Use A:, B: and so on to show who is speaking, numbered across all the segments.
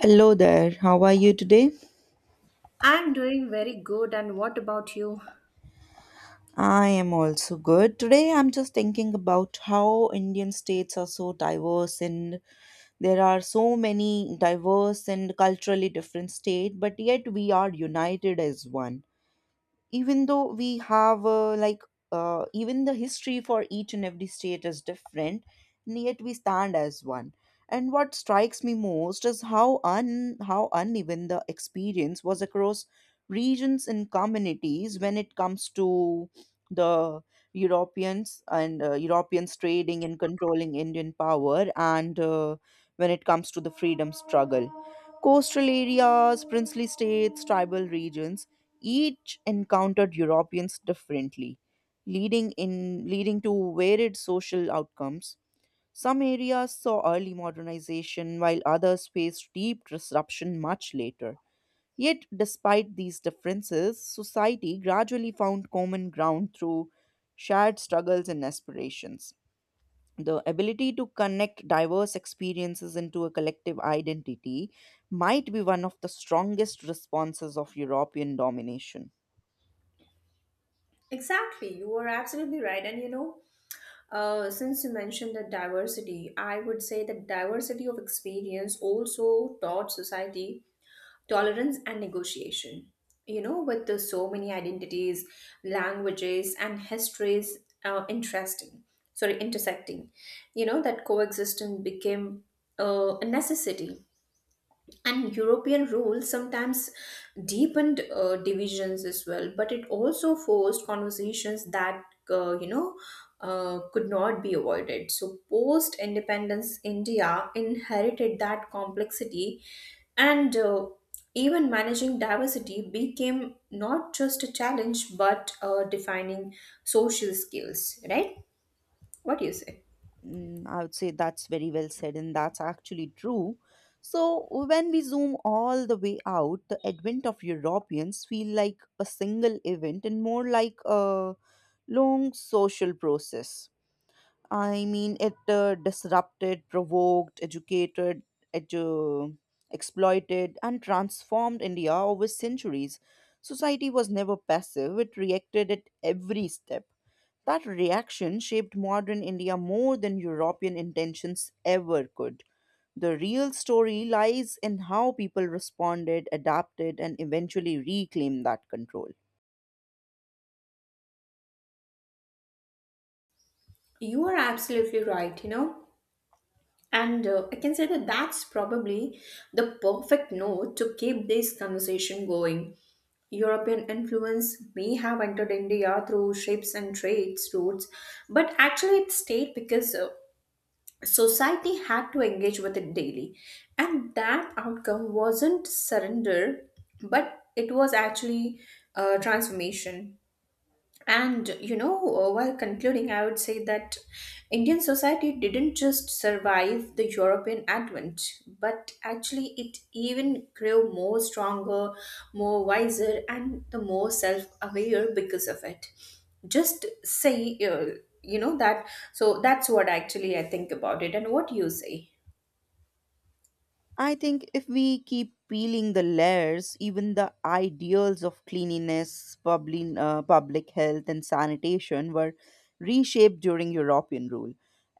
A: Hello there, how are you today?
B: I'm doing very good, and what about you?
A: I am also good. Today I'm just thinking about how Indian states are so diverse and there are so many diverse and culturally different states, but yet we are united as one. Even though we have even the history for each and every state is different and yet we stand as one. And what strikes me most is how un how uneven the experience was across regions and communities when it comes to the europeans and europeans trading and controlling indian power and when it comes to the freedom struggle, coastal areas, princely states, tribal regions each encountered Europeans differently, leading to varied social outcomes. Some areas saw early modernization while others faced deep disruption much later. Yet despite these differences, society gradually found common ground through shared struggles and aspirations. The ability to connect diverse experiences into a collective identity might be one of the strongest responses of European domination.
B: Exactly, you are absolutely right. And since you mentioned the diversity, I would say that diversity of experience also taught society tolerance and negotiation. With the so many identities, languages, and histories intersecting, that coexistence became a necessity, and european rule sometimes deepened divisions as well, but it also forced conversations that uh, you know could not be avoided. So post independence india inherited that complexity, and even managing diversity became not just a challenge but defining social skills, right? What do you say?
A: Mm, I would say that's very well said, and that's actually true. So, when we zoom all the way out, the advent of Europeans feel like a single event and more like a long social process. I mean, it disrupted, provoked, educated, edu- exploited, and transformed India over centuries. Society was never passive, it reacted at every step. That reaction shaped modern India more than European intentions ever could. The real story lies in how people responded, adapted, and eventually reclaimed that control.
B: You are absolutely right. And I can say that that's probably the perfect note to keep this conversation going. European influence may have entered India through ships and trade routes, but actually it stayed because society had to engage with it daily. And that outcome wasn't surrender, but it was actually transformation. And while concluding, I would say that Indian society didn't just survive the European advent, but actually it even grew more stronger, more wiser, and the more self aware because of it. Just say, that. So that's what actually I think about it. And what do you say?
A: I think if we keep peeling the layers, even the ideals of cleanliness, public health, and sanitation were reshaped during European rule.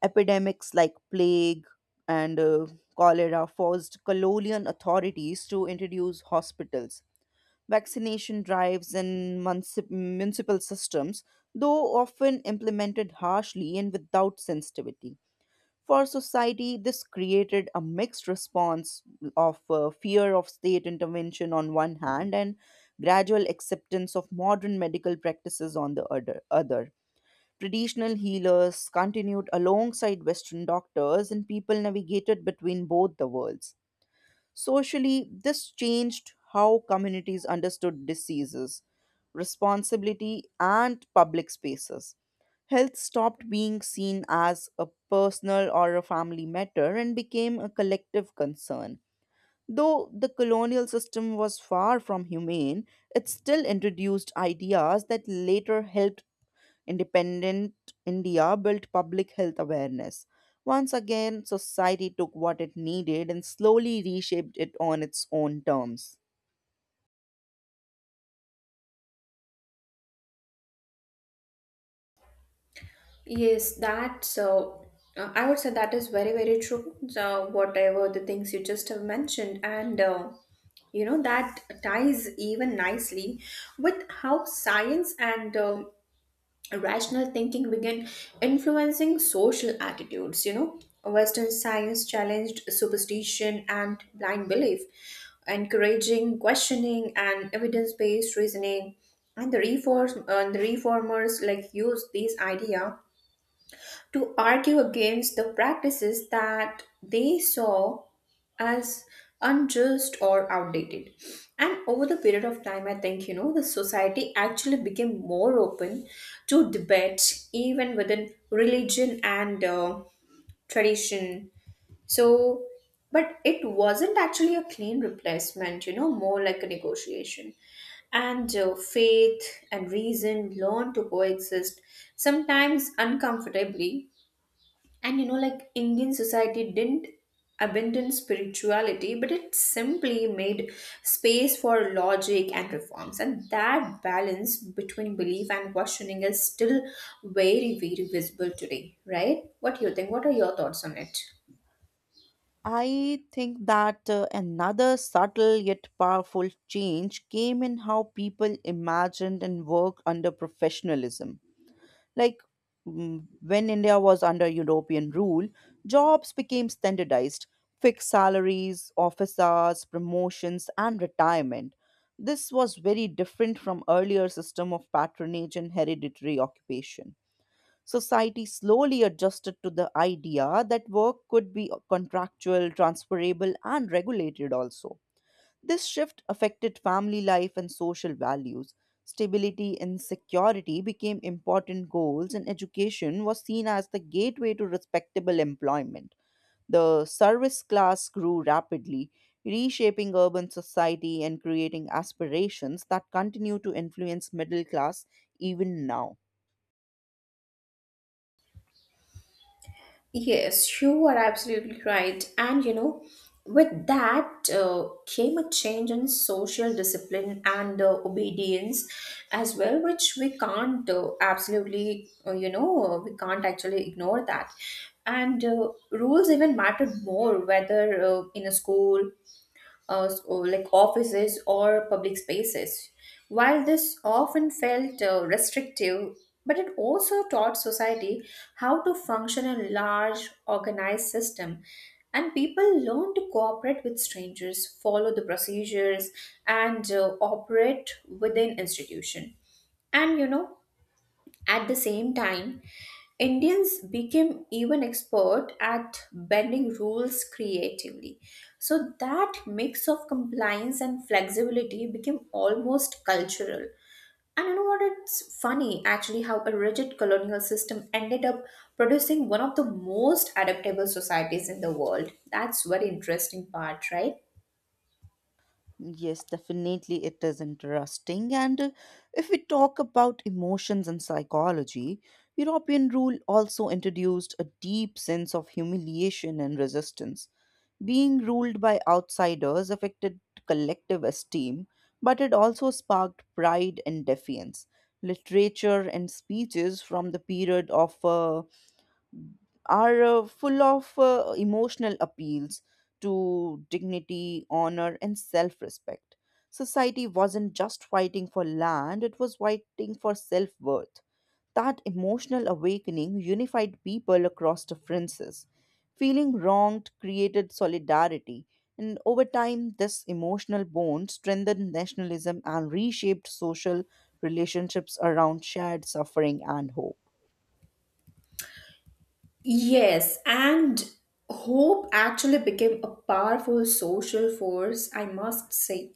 A: Epidemics like plague and cholera forced colonial authorities to introduce hospitals, vaccination drives, and municipal systems, though often implemented harshly and without sensitivity. For society, this created a mixed response of fear of state intervention on one hand and gradual acceptance of modern medical practices on the other. Traditional healers continued alongside Western doctors, and people navigated between both the worlds. Socially, this changed how communities understood diseases, responsibility, and public spaces. Health stopped being seen as a personal or a family matter and became a collective concern. Though the colonial system was far from humane, it still introduced ideas that later helped independent India build public health awareness. Once again, society took what it needed and slowly reshaped it on its own terms.
B: Yes, that so I would say that is very very true. So whatever the things you just have mentioned, and that ties even nicely with how science and rational thinking begin influencing social attitudes. Western science challenged superstition and blind belief, encouraging questioning and evidence-based reasoning. And the reformers like used these idea to argue against the practices that they saw as unjust or outdated. And over the period of time, I think, the society actually became more open to debate, even within religion and tradition. So, but it wasn't actually a clean replacement, more like a negotiation, and faith and reason learn to coexist, sometimes uncomfortably, and like Indian society didn't abandon spirituality, but it simply made space for logic and reforms. And that balance between belief and questioning is still very, very visible today, right? What do you think? What are your thoughts on it?
A: I think that another subtle yet powerful change came in how people imagined and worked under professionalism. Like when India was under European rule, jobs became standardized: fixed salaries, office hours, promotions, and retirement. This was very different from earlier system of patronage and hereditary occupation. Society slowly adjusted to the idea that work could be contractual, transferable, and regulated also. This shift affected family life and social values. Stability and security became important goals, and education was seen as the gateway to respectable employment. The service class grew rapidly, reshaping urban society and creating aspirations that continue to influence middle class even now.
B: Yes, you are absolutely right. And with that came a change in social discipline and obedience as well, which we can't, we can't actually ignore that. And rules even mattered more, whether in a school or like offices or public spaces. While this often felt restrictive, but it also taught society how to function in a large organized system. And people learned to cooperate with strangers, follow the procedures, and operate within institution. And at the same time, Indians became even expert at bending rules creatively. So that mix of compliance and flexibility became almost cultural. And you know what? It's funny actually how a rigid colonial system ended up producing one of the most adaptable societies in the world. That's very interesting part, right?
A: Yes, definitely it is interesting. And if we talk about emotions and psychology, European rule also introduced a deep sense of humiliation and resistance. Being ruled by outsiders affected collective esteem, but it also sparked pride and defiance. Literature and speeches from the period of are full of emotional appeals to dignity, honor, and self respect. Society wasn't just fighting for land, it was fighting for self worth. That emotional awakening unified people across differences. Feeling wronged created solidarity, and over time, this emotional bond strengthened nationalism and reshaped social relationships around shared suffering and hope.
B: Yes, and hope actually became a powerful social force, I must say.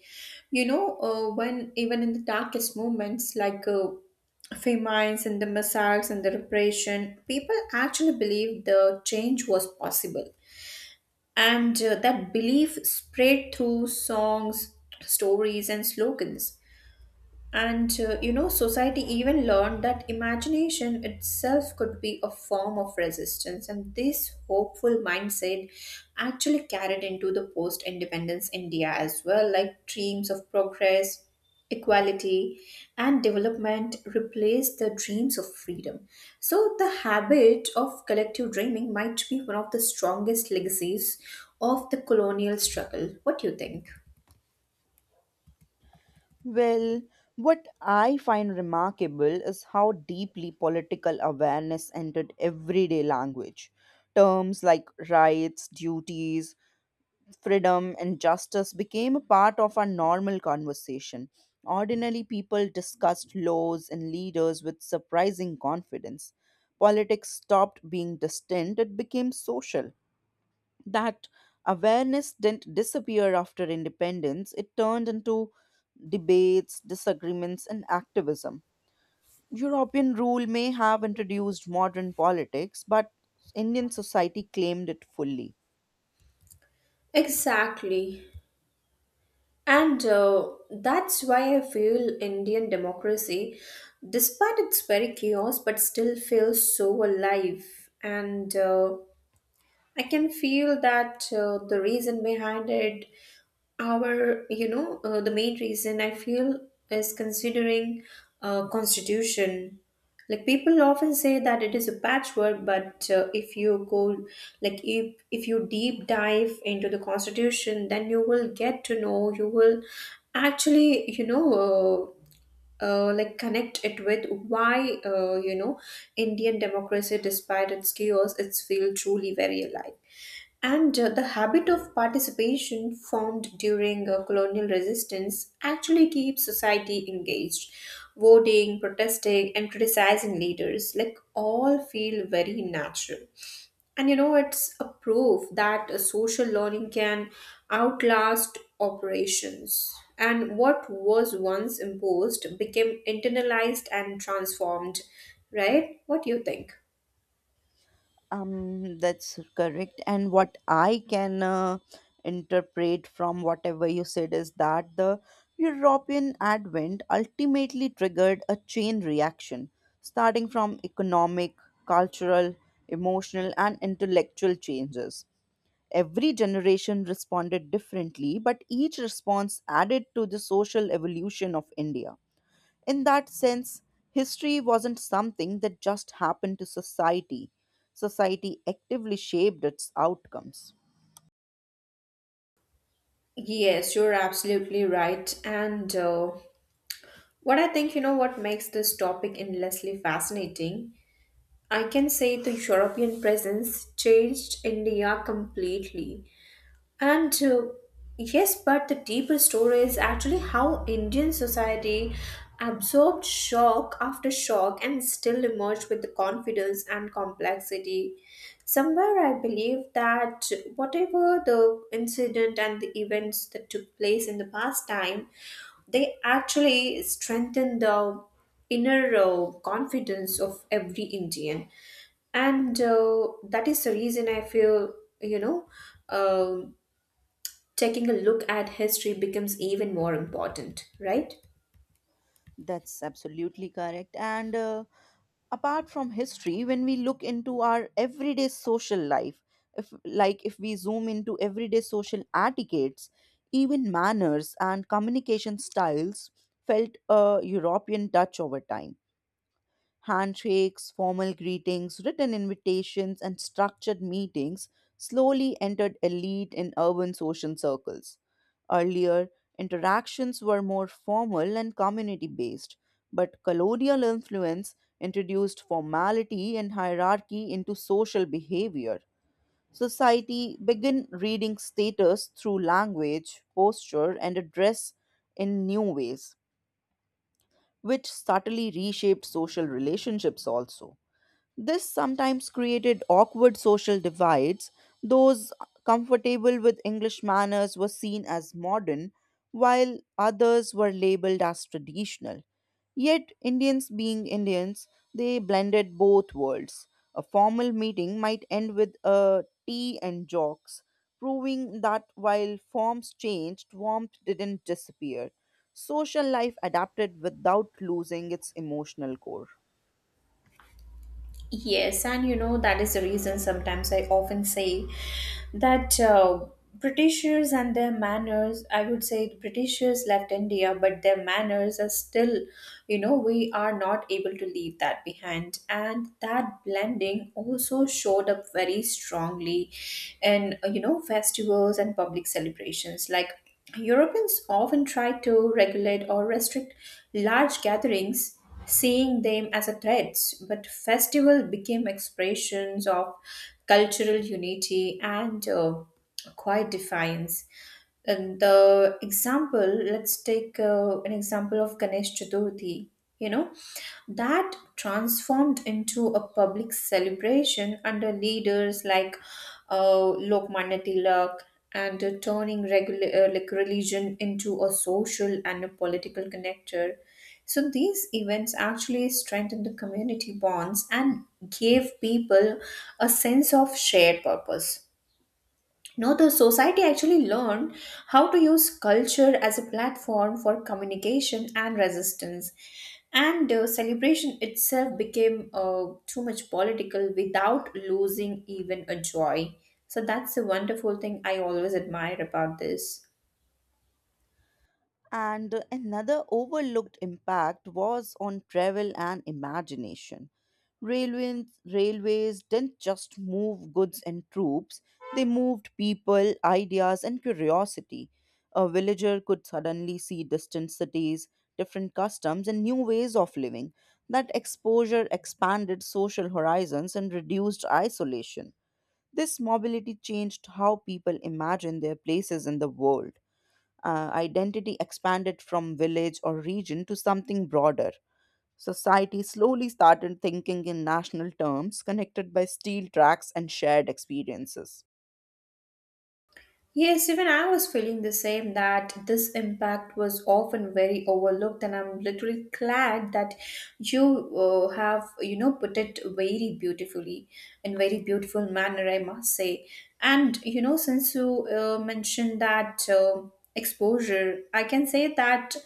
B: When even in the darkest moments like famines and the massacres and the repression, people actually believed the change was possible. And that belief spread through songs, stories, and slogans. Society even learned that imagination itself could be a form of resistance, and this hopeful mindset actually carried into the post independence India as well, like dreams of progress, equality, and development replaced the dreams of freedom. So, the habit of collective dreaming might be one of the strongest legacies of the colonial struggle. What do you think?
A: Well, what I find remarkable is how deeply political awareness entered everyday language. Terms like rights, duties, freedom, and justice became a part of our normal conversation. Ordinarily, people discussed laws and leaders with surprising confidence. Politics stopped being distant, it became social. That awareness didn't disappear after independence, it turned into debates, disagreements, and activism. European rule may have introduced modern politics, but Indian society claimed it fully.
B: Exactly. And that's why I feel Indian democracy, despite its very chaos, but still feels so alive. And I can feel that the reason behind it our you know the main reason I feel is considering constitution. Like people often say that it is a patchwork, but if you go like if you deep dive into the constitution then you will get to know, you will actually like connect it with why indian democracy despite its chaos it's feel truly very alive. And the habit of participation formed during colonial resistance actually keeps society engaged. Voting, protesting, and criticizing leaders, like all feel very natural. And it's a proof that social learning can outlast operations. And what was once imposed became internalized and transformed, right? What do you think?
A: That's correct. And what I can interpret from whatever you said is that the European advent ultimately triggered a chain reaction, starting from economic, cultural, emotional, and intellectual changes. Every generation responded differently, but each response added to the social evolution of India. In that sense, history wasn't something that just happened to society. Society actively shaped its outcomes.
B: Yes, you're absolutely right. And what I think, what makes this topic endlessly fascinating, I can say the European presence changed India completely. And yes, but the deeper story is actually how Indian society absorbed shock after shock and still emerged with the confidence and complexity. Somewhere I believe that whatever the incident and the events that took place in the past time, they actually strengthen the inner confidence of every Indian. And that is the reason I feel, you know, um taking a look at history becomes even more important, right?
A: That's absolutely correct. And apart from history, when we look into our everyday social life, if we zoom into everyday social etiquettes, even manners and communication styles felt a European touch over time. Handshakes, formal greetings, written invitations, and structured meetings slowly entered elite and urban social circles. Earlier, interactions were more formal and community based, but colonial influence introduced formality and hierarchy into social behavior. Society began reading status through language, posture, and address in new ways, which subtly reshaped social relationships also. This sometimes created awkward social divides. Those comfortable with English manners were seen as modern, while others were labeled as traditional. Yet, Indians being Indians, they blended both worlds. A formal meeting might end with a tea and jokes, proving that while forms changed, warmth didn't disappear. Social life adapted without losing its emotional core.
B: Yes, that is the reason sometimes I often say that Britishers and their manners, I would say the Britishers left India, but their manners are still, we are not able to leave that behind. And that blending also showed up very strongly in, festivals and public celebrations. Like Europeans often try to regulate or restrict large gatherings seeing them as a threats, but festival became expressions of cultural unity and quiet defiance. And the example, let's take an example of Ganesh Chaturthi, you know, that transformed into a public celebration under leaders like Lokmanya Tilak, and turning like religion into a social and a political connector. So these events actually strengthened the community bonds and gave people a sense of shared purpose. No, the society actually learned how to use culture as a platform for communication and resistance. And celebration itself became too much political without losing even a joy. So that's the wonderful thing I always admire about this.
A: And another overlooked impact was on travel and imagination. Railways didn't just move goods and troops, they moved people, ideas, and curiosity. A villager could suddenly see distant cities, different customs, and new ways of living. That exposure expanded social horizons and reduced isolation. This mobility changed how people imagine their places in the world. Identity expanded from village or region to something broader. Society slowly started thinking in national terms, connected by steel tracks and shared experiences.
B: Yes, even I was feeling the same that this impact was often very overlooked, and I'm literally glad that you have, put it very beautifully in very beautiful manner, I must say. And since you mentioned that exposure, I can say that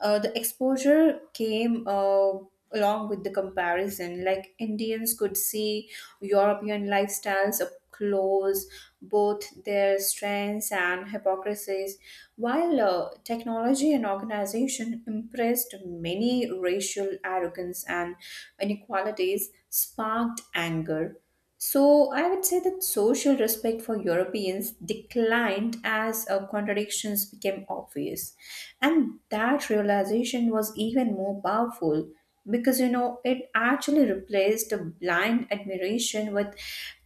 B: the exposure came, along with the comparison. Like Indians could see European lifestyles up close, both their strengths and hypocrisies. While technology and organization impressed many racial arrogance and inequalities, sparked anger. So I would say that social respect for Europeans declined as contradictions became obvious. And that realization was even more powerful because it actually replaced a blind admiration with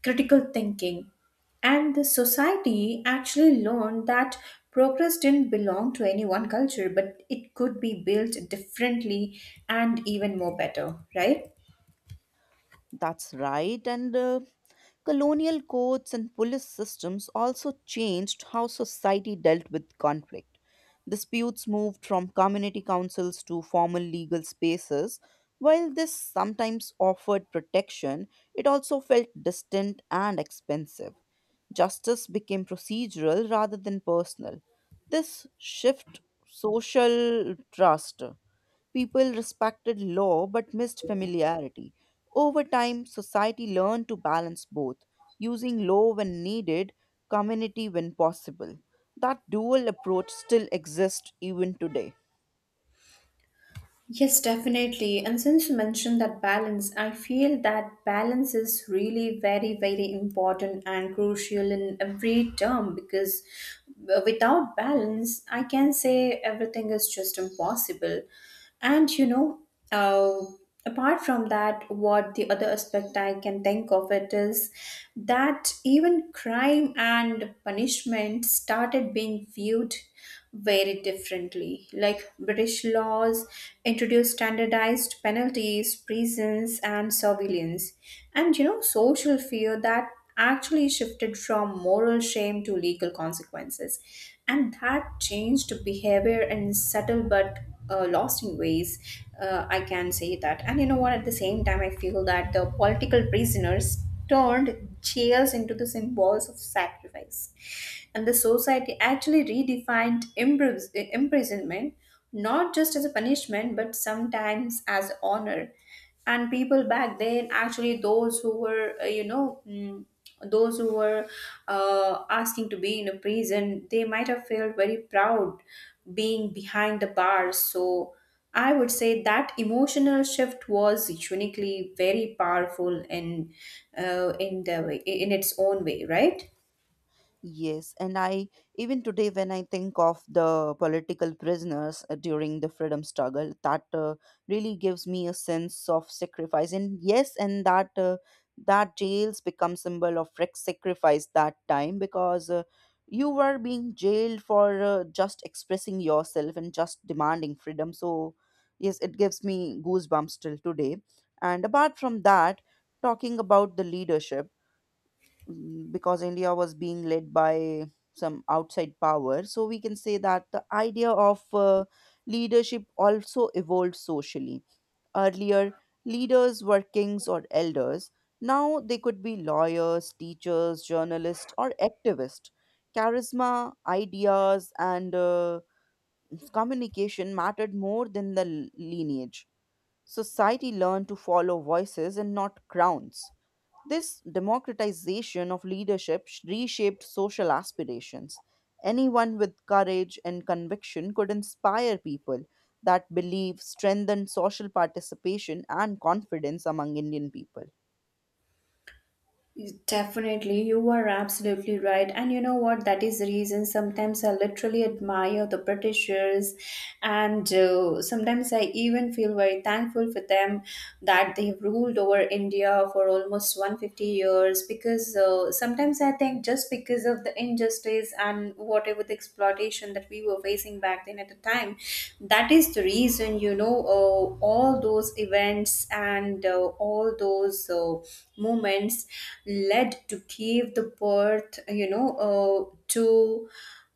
B: critical thinking. And the society actually learned that progress didn't belong to any one culture, but it could be built differently and even more better, right?
A: That's right, and colonial codes and police systems also changed how society dealt with conflict. Disputes moved from community councils to formal legal spaces. While this sometimes offered protection, it also felt distant and expensive. Justice became procedural rather than personal. This shift social trust. People respected law but missed familiarity. Over time, society learned to balance both, using law when needed, community when possible. That dual approach still exists even today.
B: Yes, definitely. And since you mentioned that balance, I feel that balance is really very, very important and crucial in every term because without balance, I can say everything is just impossible. And uh, apart from that, what the other aspect I can think of it is that even crime and punishment started being viewed very differently. Like British laws introduced standardized penalties, prisons, and surveillance. And social fear that actually shifted from moral shame to legal consequences. And that changed behavior in subtle but lost in ways, I can say that. And you know what, at the same time I feel that the political prisoners turned jails into the symbols of sacrifice, and the society actually redefined imprisonment, not just as a punishment but sometimes as honor. And people back then actually those who were asking to be in a prison, they might have felt very proud being behind the bars. So I would say that emotional shift was uniquely very powerful in the way, in its own way, right?
A: Yes, and I even today when I think of the political prisoners during the freedom struggle, that really gives me a sense of sacrifice. And yes, and that that jails become symbol of sacrifice that time because you were being jailed for just expressing yourself and just demanding freedom. So yes, it gives me goosebumps till today. And apart from that, talking about the leadership because India was being led by some outside power. So we can say that the idea of leadership also evolved socially. Earlier, leaders were kings or elders. Now they could be lawyers, teachers, journalists, or activists. Charisma, ideas, and communication mattered more than the lineage. Society learned to follow voices and not crowns. This democratization of leadership reshaped social aspirations. Anyone with courage and conviction could inspire people. That belief strengthened social participation and confidence among Indian people.
B: Definitely, you are absolutely right. And you know what? That is the reason sometimes I literally admire the Britishers, and sometimes I even feel very thankful for them that they ruled over India for almost 150 years. Because sometimes I think, just because of the injustice and whatever the exploitation that we were facing back then at the time, that is the reason all those events, and all those moments led to give the birth, to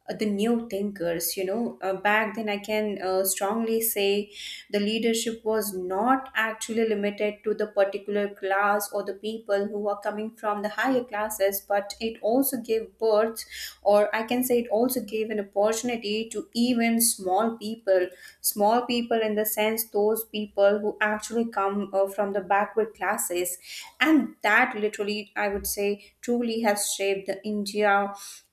B: the new thinkers. Back then, I can strongly say the leadership was not actually limited to the particular class or the people who are coming from the higher classes, but it also gave birth, or I can say it also gave an opportunity to even small people. Small people in the sense those people who actually come from the backward classes, and that literally, I would say, truly has shaped the India,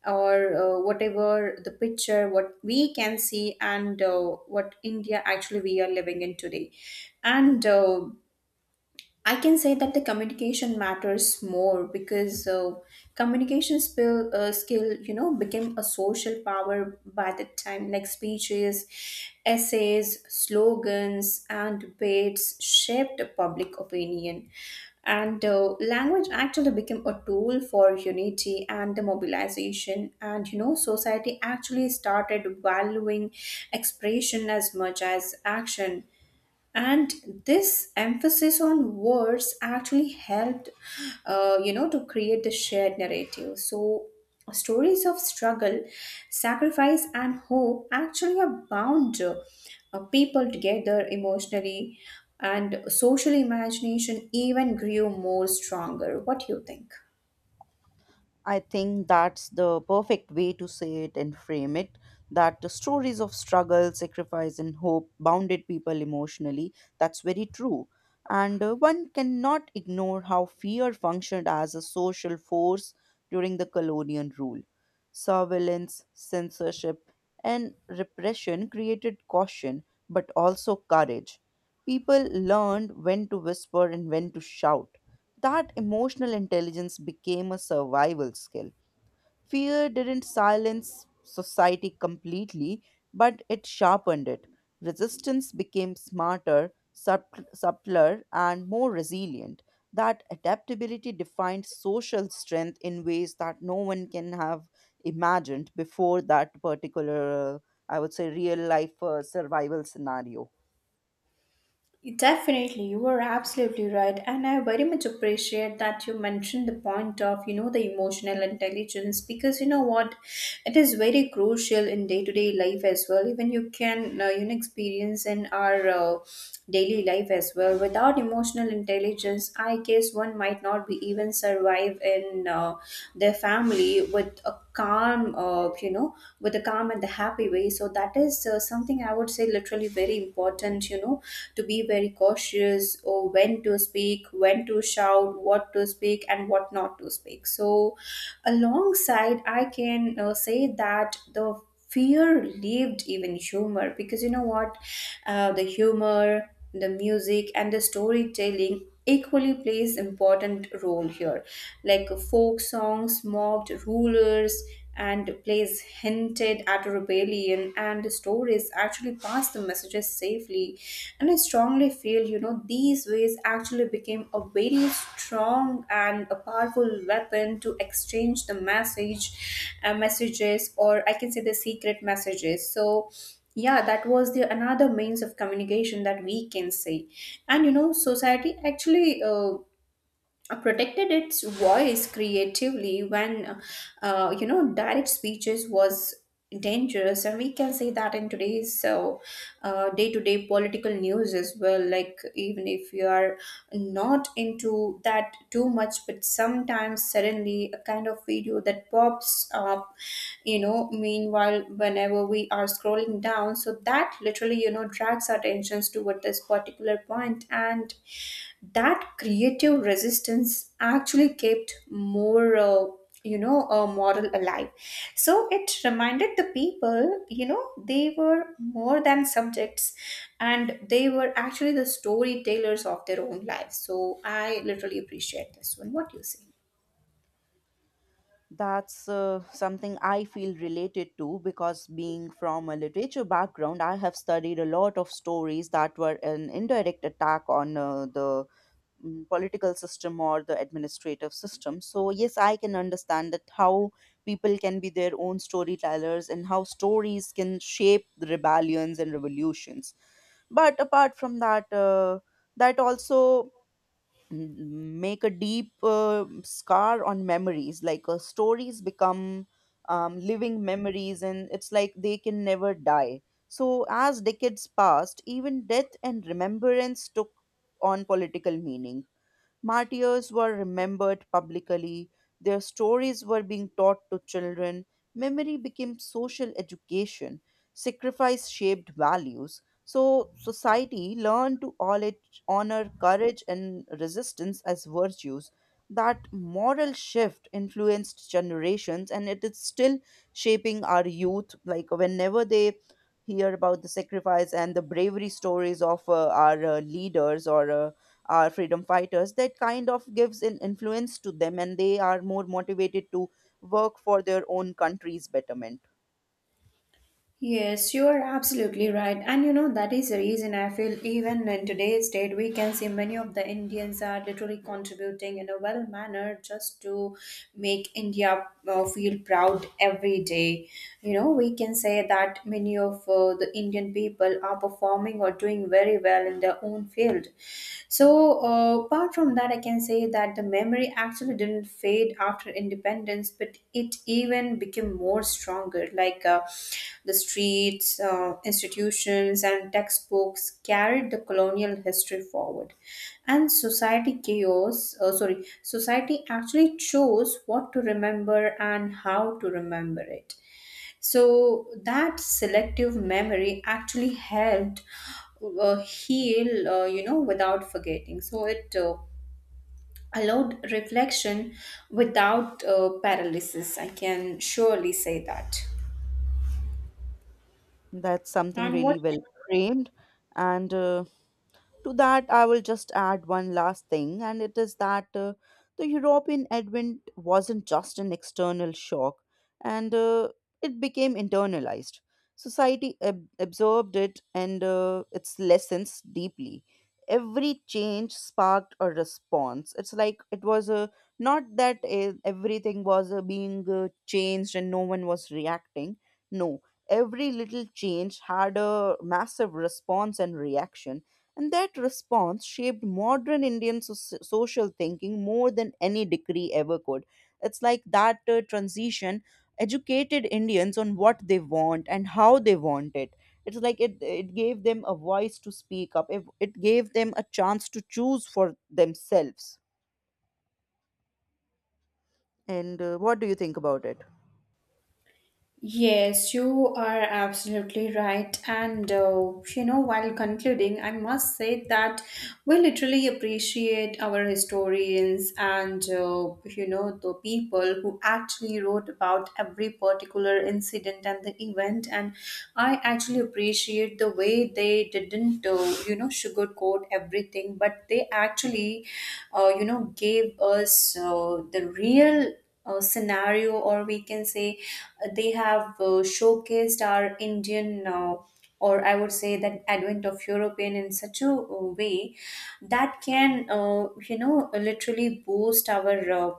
B: or whatever the picture what we can see, and what India actually we are living in today. And I can say that the communication matters more, because communication skill, skill, you know, became a social power by the time, like speeches, essays, slogans, and debates shaped public opinion. And Language actually became a tool for unity and the mobilization. And, you know, society actually started valuing expression as much as action, and this emphasis on words actually helped, you know, to create the shared narrative. So stories of struggle, sacrifice, and hope actually are bound people together emotionally, and social imagination even grew more stronger. What do you think?
A: I think that's the perfect way to say it and frame it, that the stories of struggle, sacrifice, and hope bounded people emotionally. That's very true. And one cannot ignore how fear functioned as a social force during the colonial rule. Surveillance, censorship, and repression created caution but also courage. People learned when to whisper and when to shout. That emotional intelligence became a survival skill. Fear didn't silence society completely, but it sharpened it. Resistance became smarter, subtler, and more resilient. That adaptability defined social strength in ways that no one can have imagined before that particular, I would say, real life survival scenario.
B: Definitely, you are absolutely right, and I very much appreciate that you mentioned the point of, you know, the emotional intelligence, because you know what, it is very crucial in day to day life as well. Even you can, you know, experience in our daily life as well. Without emotional intelligence, I guess one might not be even survive in their family with a calm, you know, with a calm and the happy way. So that is something I would say literally very important. You know, to be very cautious, or when to speak, when to shout, what to speak, and what not to speak. So, alongside, I can say that the fear lived even humor, because you know what? The humor, the music, and the storytelling equally plays important role here, like folk songs mocked rulers, and plays hinted at rebellion, and stories actually pass the messages safely. And I strongly feel, you know, these ways actually became a very strong and a powerful weapon to exchange the message, messages, or I can say the secret messages. So yeah, that was the another means of communication that we can say. And, you know, society actually protected its voice creatively when, you know, direct speeches was dangerous. And we can say that in today's, so, day-to-day political news as well, like even if you are not into that too much, but sometimes suddenly a kind of video that pops up, you know, meanwhile whenever we are scrolling down, so that literally, you know, drags our attentions toward this particular point. And that creative resistance actually kept more, moral alive. So it reminded the people, you know, they were more than subjects, and they were actually the storytellers of their own lives. So I literally appreciate this one. What do you say?
A: That's something I feel related to because, being from a literature background, I have studied a lot of stories that were an indirect attack on the political system or the administrative system. So, yes, I can understand that how people can be their own storytellers and how stories can shape the rebellions and revolutions. But apart from that, that also make a deep scar on memories. Like stories become living memories and it's like they can never die. So as decades passed, even death and remembrance took on political meaning. Martyrs were remembered publicly, their stories were being taught to children, memory became social education, sacrifice shaped values. So, society learned to honor courage and resistance as virtues. That moral shift influenced generations, and it is still shaping our youth. Like, whenever they hear about the sacrifice and the bravery stories of our leaders or are freedom fighters, that kind of gives an influence to them and they are more motivated to work for their own country's betterment.
B: Yes, you are absolutely right. And you know, that is the reason I feel even in today's date, we can see many of the Indians are literally contributing in a well manner just to make India feel proud every day. You know, we can say that many of the Indian people are performing or doing very well in their own field. So, apart from that, I can say that the memory actually didn't fade after independence, but it even became more stronger. Like, the streets, institutions, and textbooks carried the colonial history forward, and society chaos. Sorry, society actually chose what to remember and how to remember it. So that selective memory actually helped heal, you know, without forgetting. So it allowed reflection without paralysis. I can surely say that.
A: That's something
B: And
A: really
B: what?
A: well framed. And to that, I will just add one last thing, and it is that the European advent wasn't just an external shock, and it became internalized. Society absorbed it and its lessons deeply. Every change sparked a response. It's like it was a not that everything was being changed and no one was reacting. No, every little change had a massive response and reaction, and that response shaped modern Indian social thinking more than any decree ever could. It's like that transition educated Indians on what they want and how they want it. It's like it gave them a voice to speak up, it gave them a chance to choose for themselves. And what do you think about it?
B: Yes, you are absolutely right. And, you know, while concluding, I must say that we literally appreciate our historians and, you know, the people who actually wrote about every particular incident and the event. And I actually appreciate the way they didn't, you know, sugarcoat everything, but they actually, you know, gave us the real scenario, or we can say, they have showcased our Indian, or I would say that advent of European in such a way that can, you know, literally boost our uh,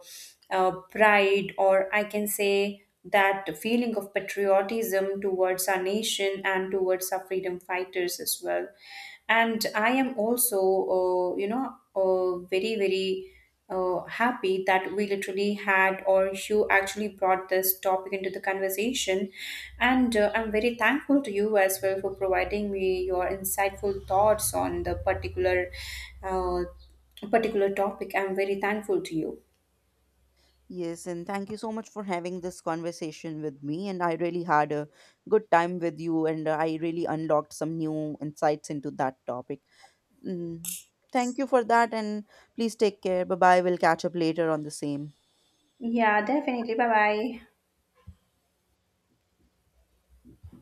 B: uh, pride, or I can say that feeling of patriotism towards our nation and towards our freedom fighters as well. And I am also, you know, very, very happy that we literally had, or you actually brought this topic into the conversation, and I'm very thankful to you as well for providing me your insightful thoughts on the particular uh, particular topic. I'm very thankful to you.
A: Yes, and thank you so much for having this conversation with me. And I really had a good time with you, and I really unlocked some new insights into that topic. Mm, thank you for that, and please take care. Bye bye. We'll catch up later on the same.
B: Yeah, definitely. Bye bye.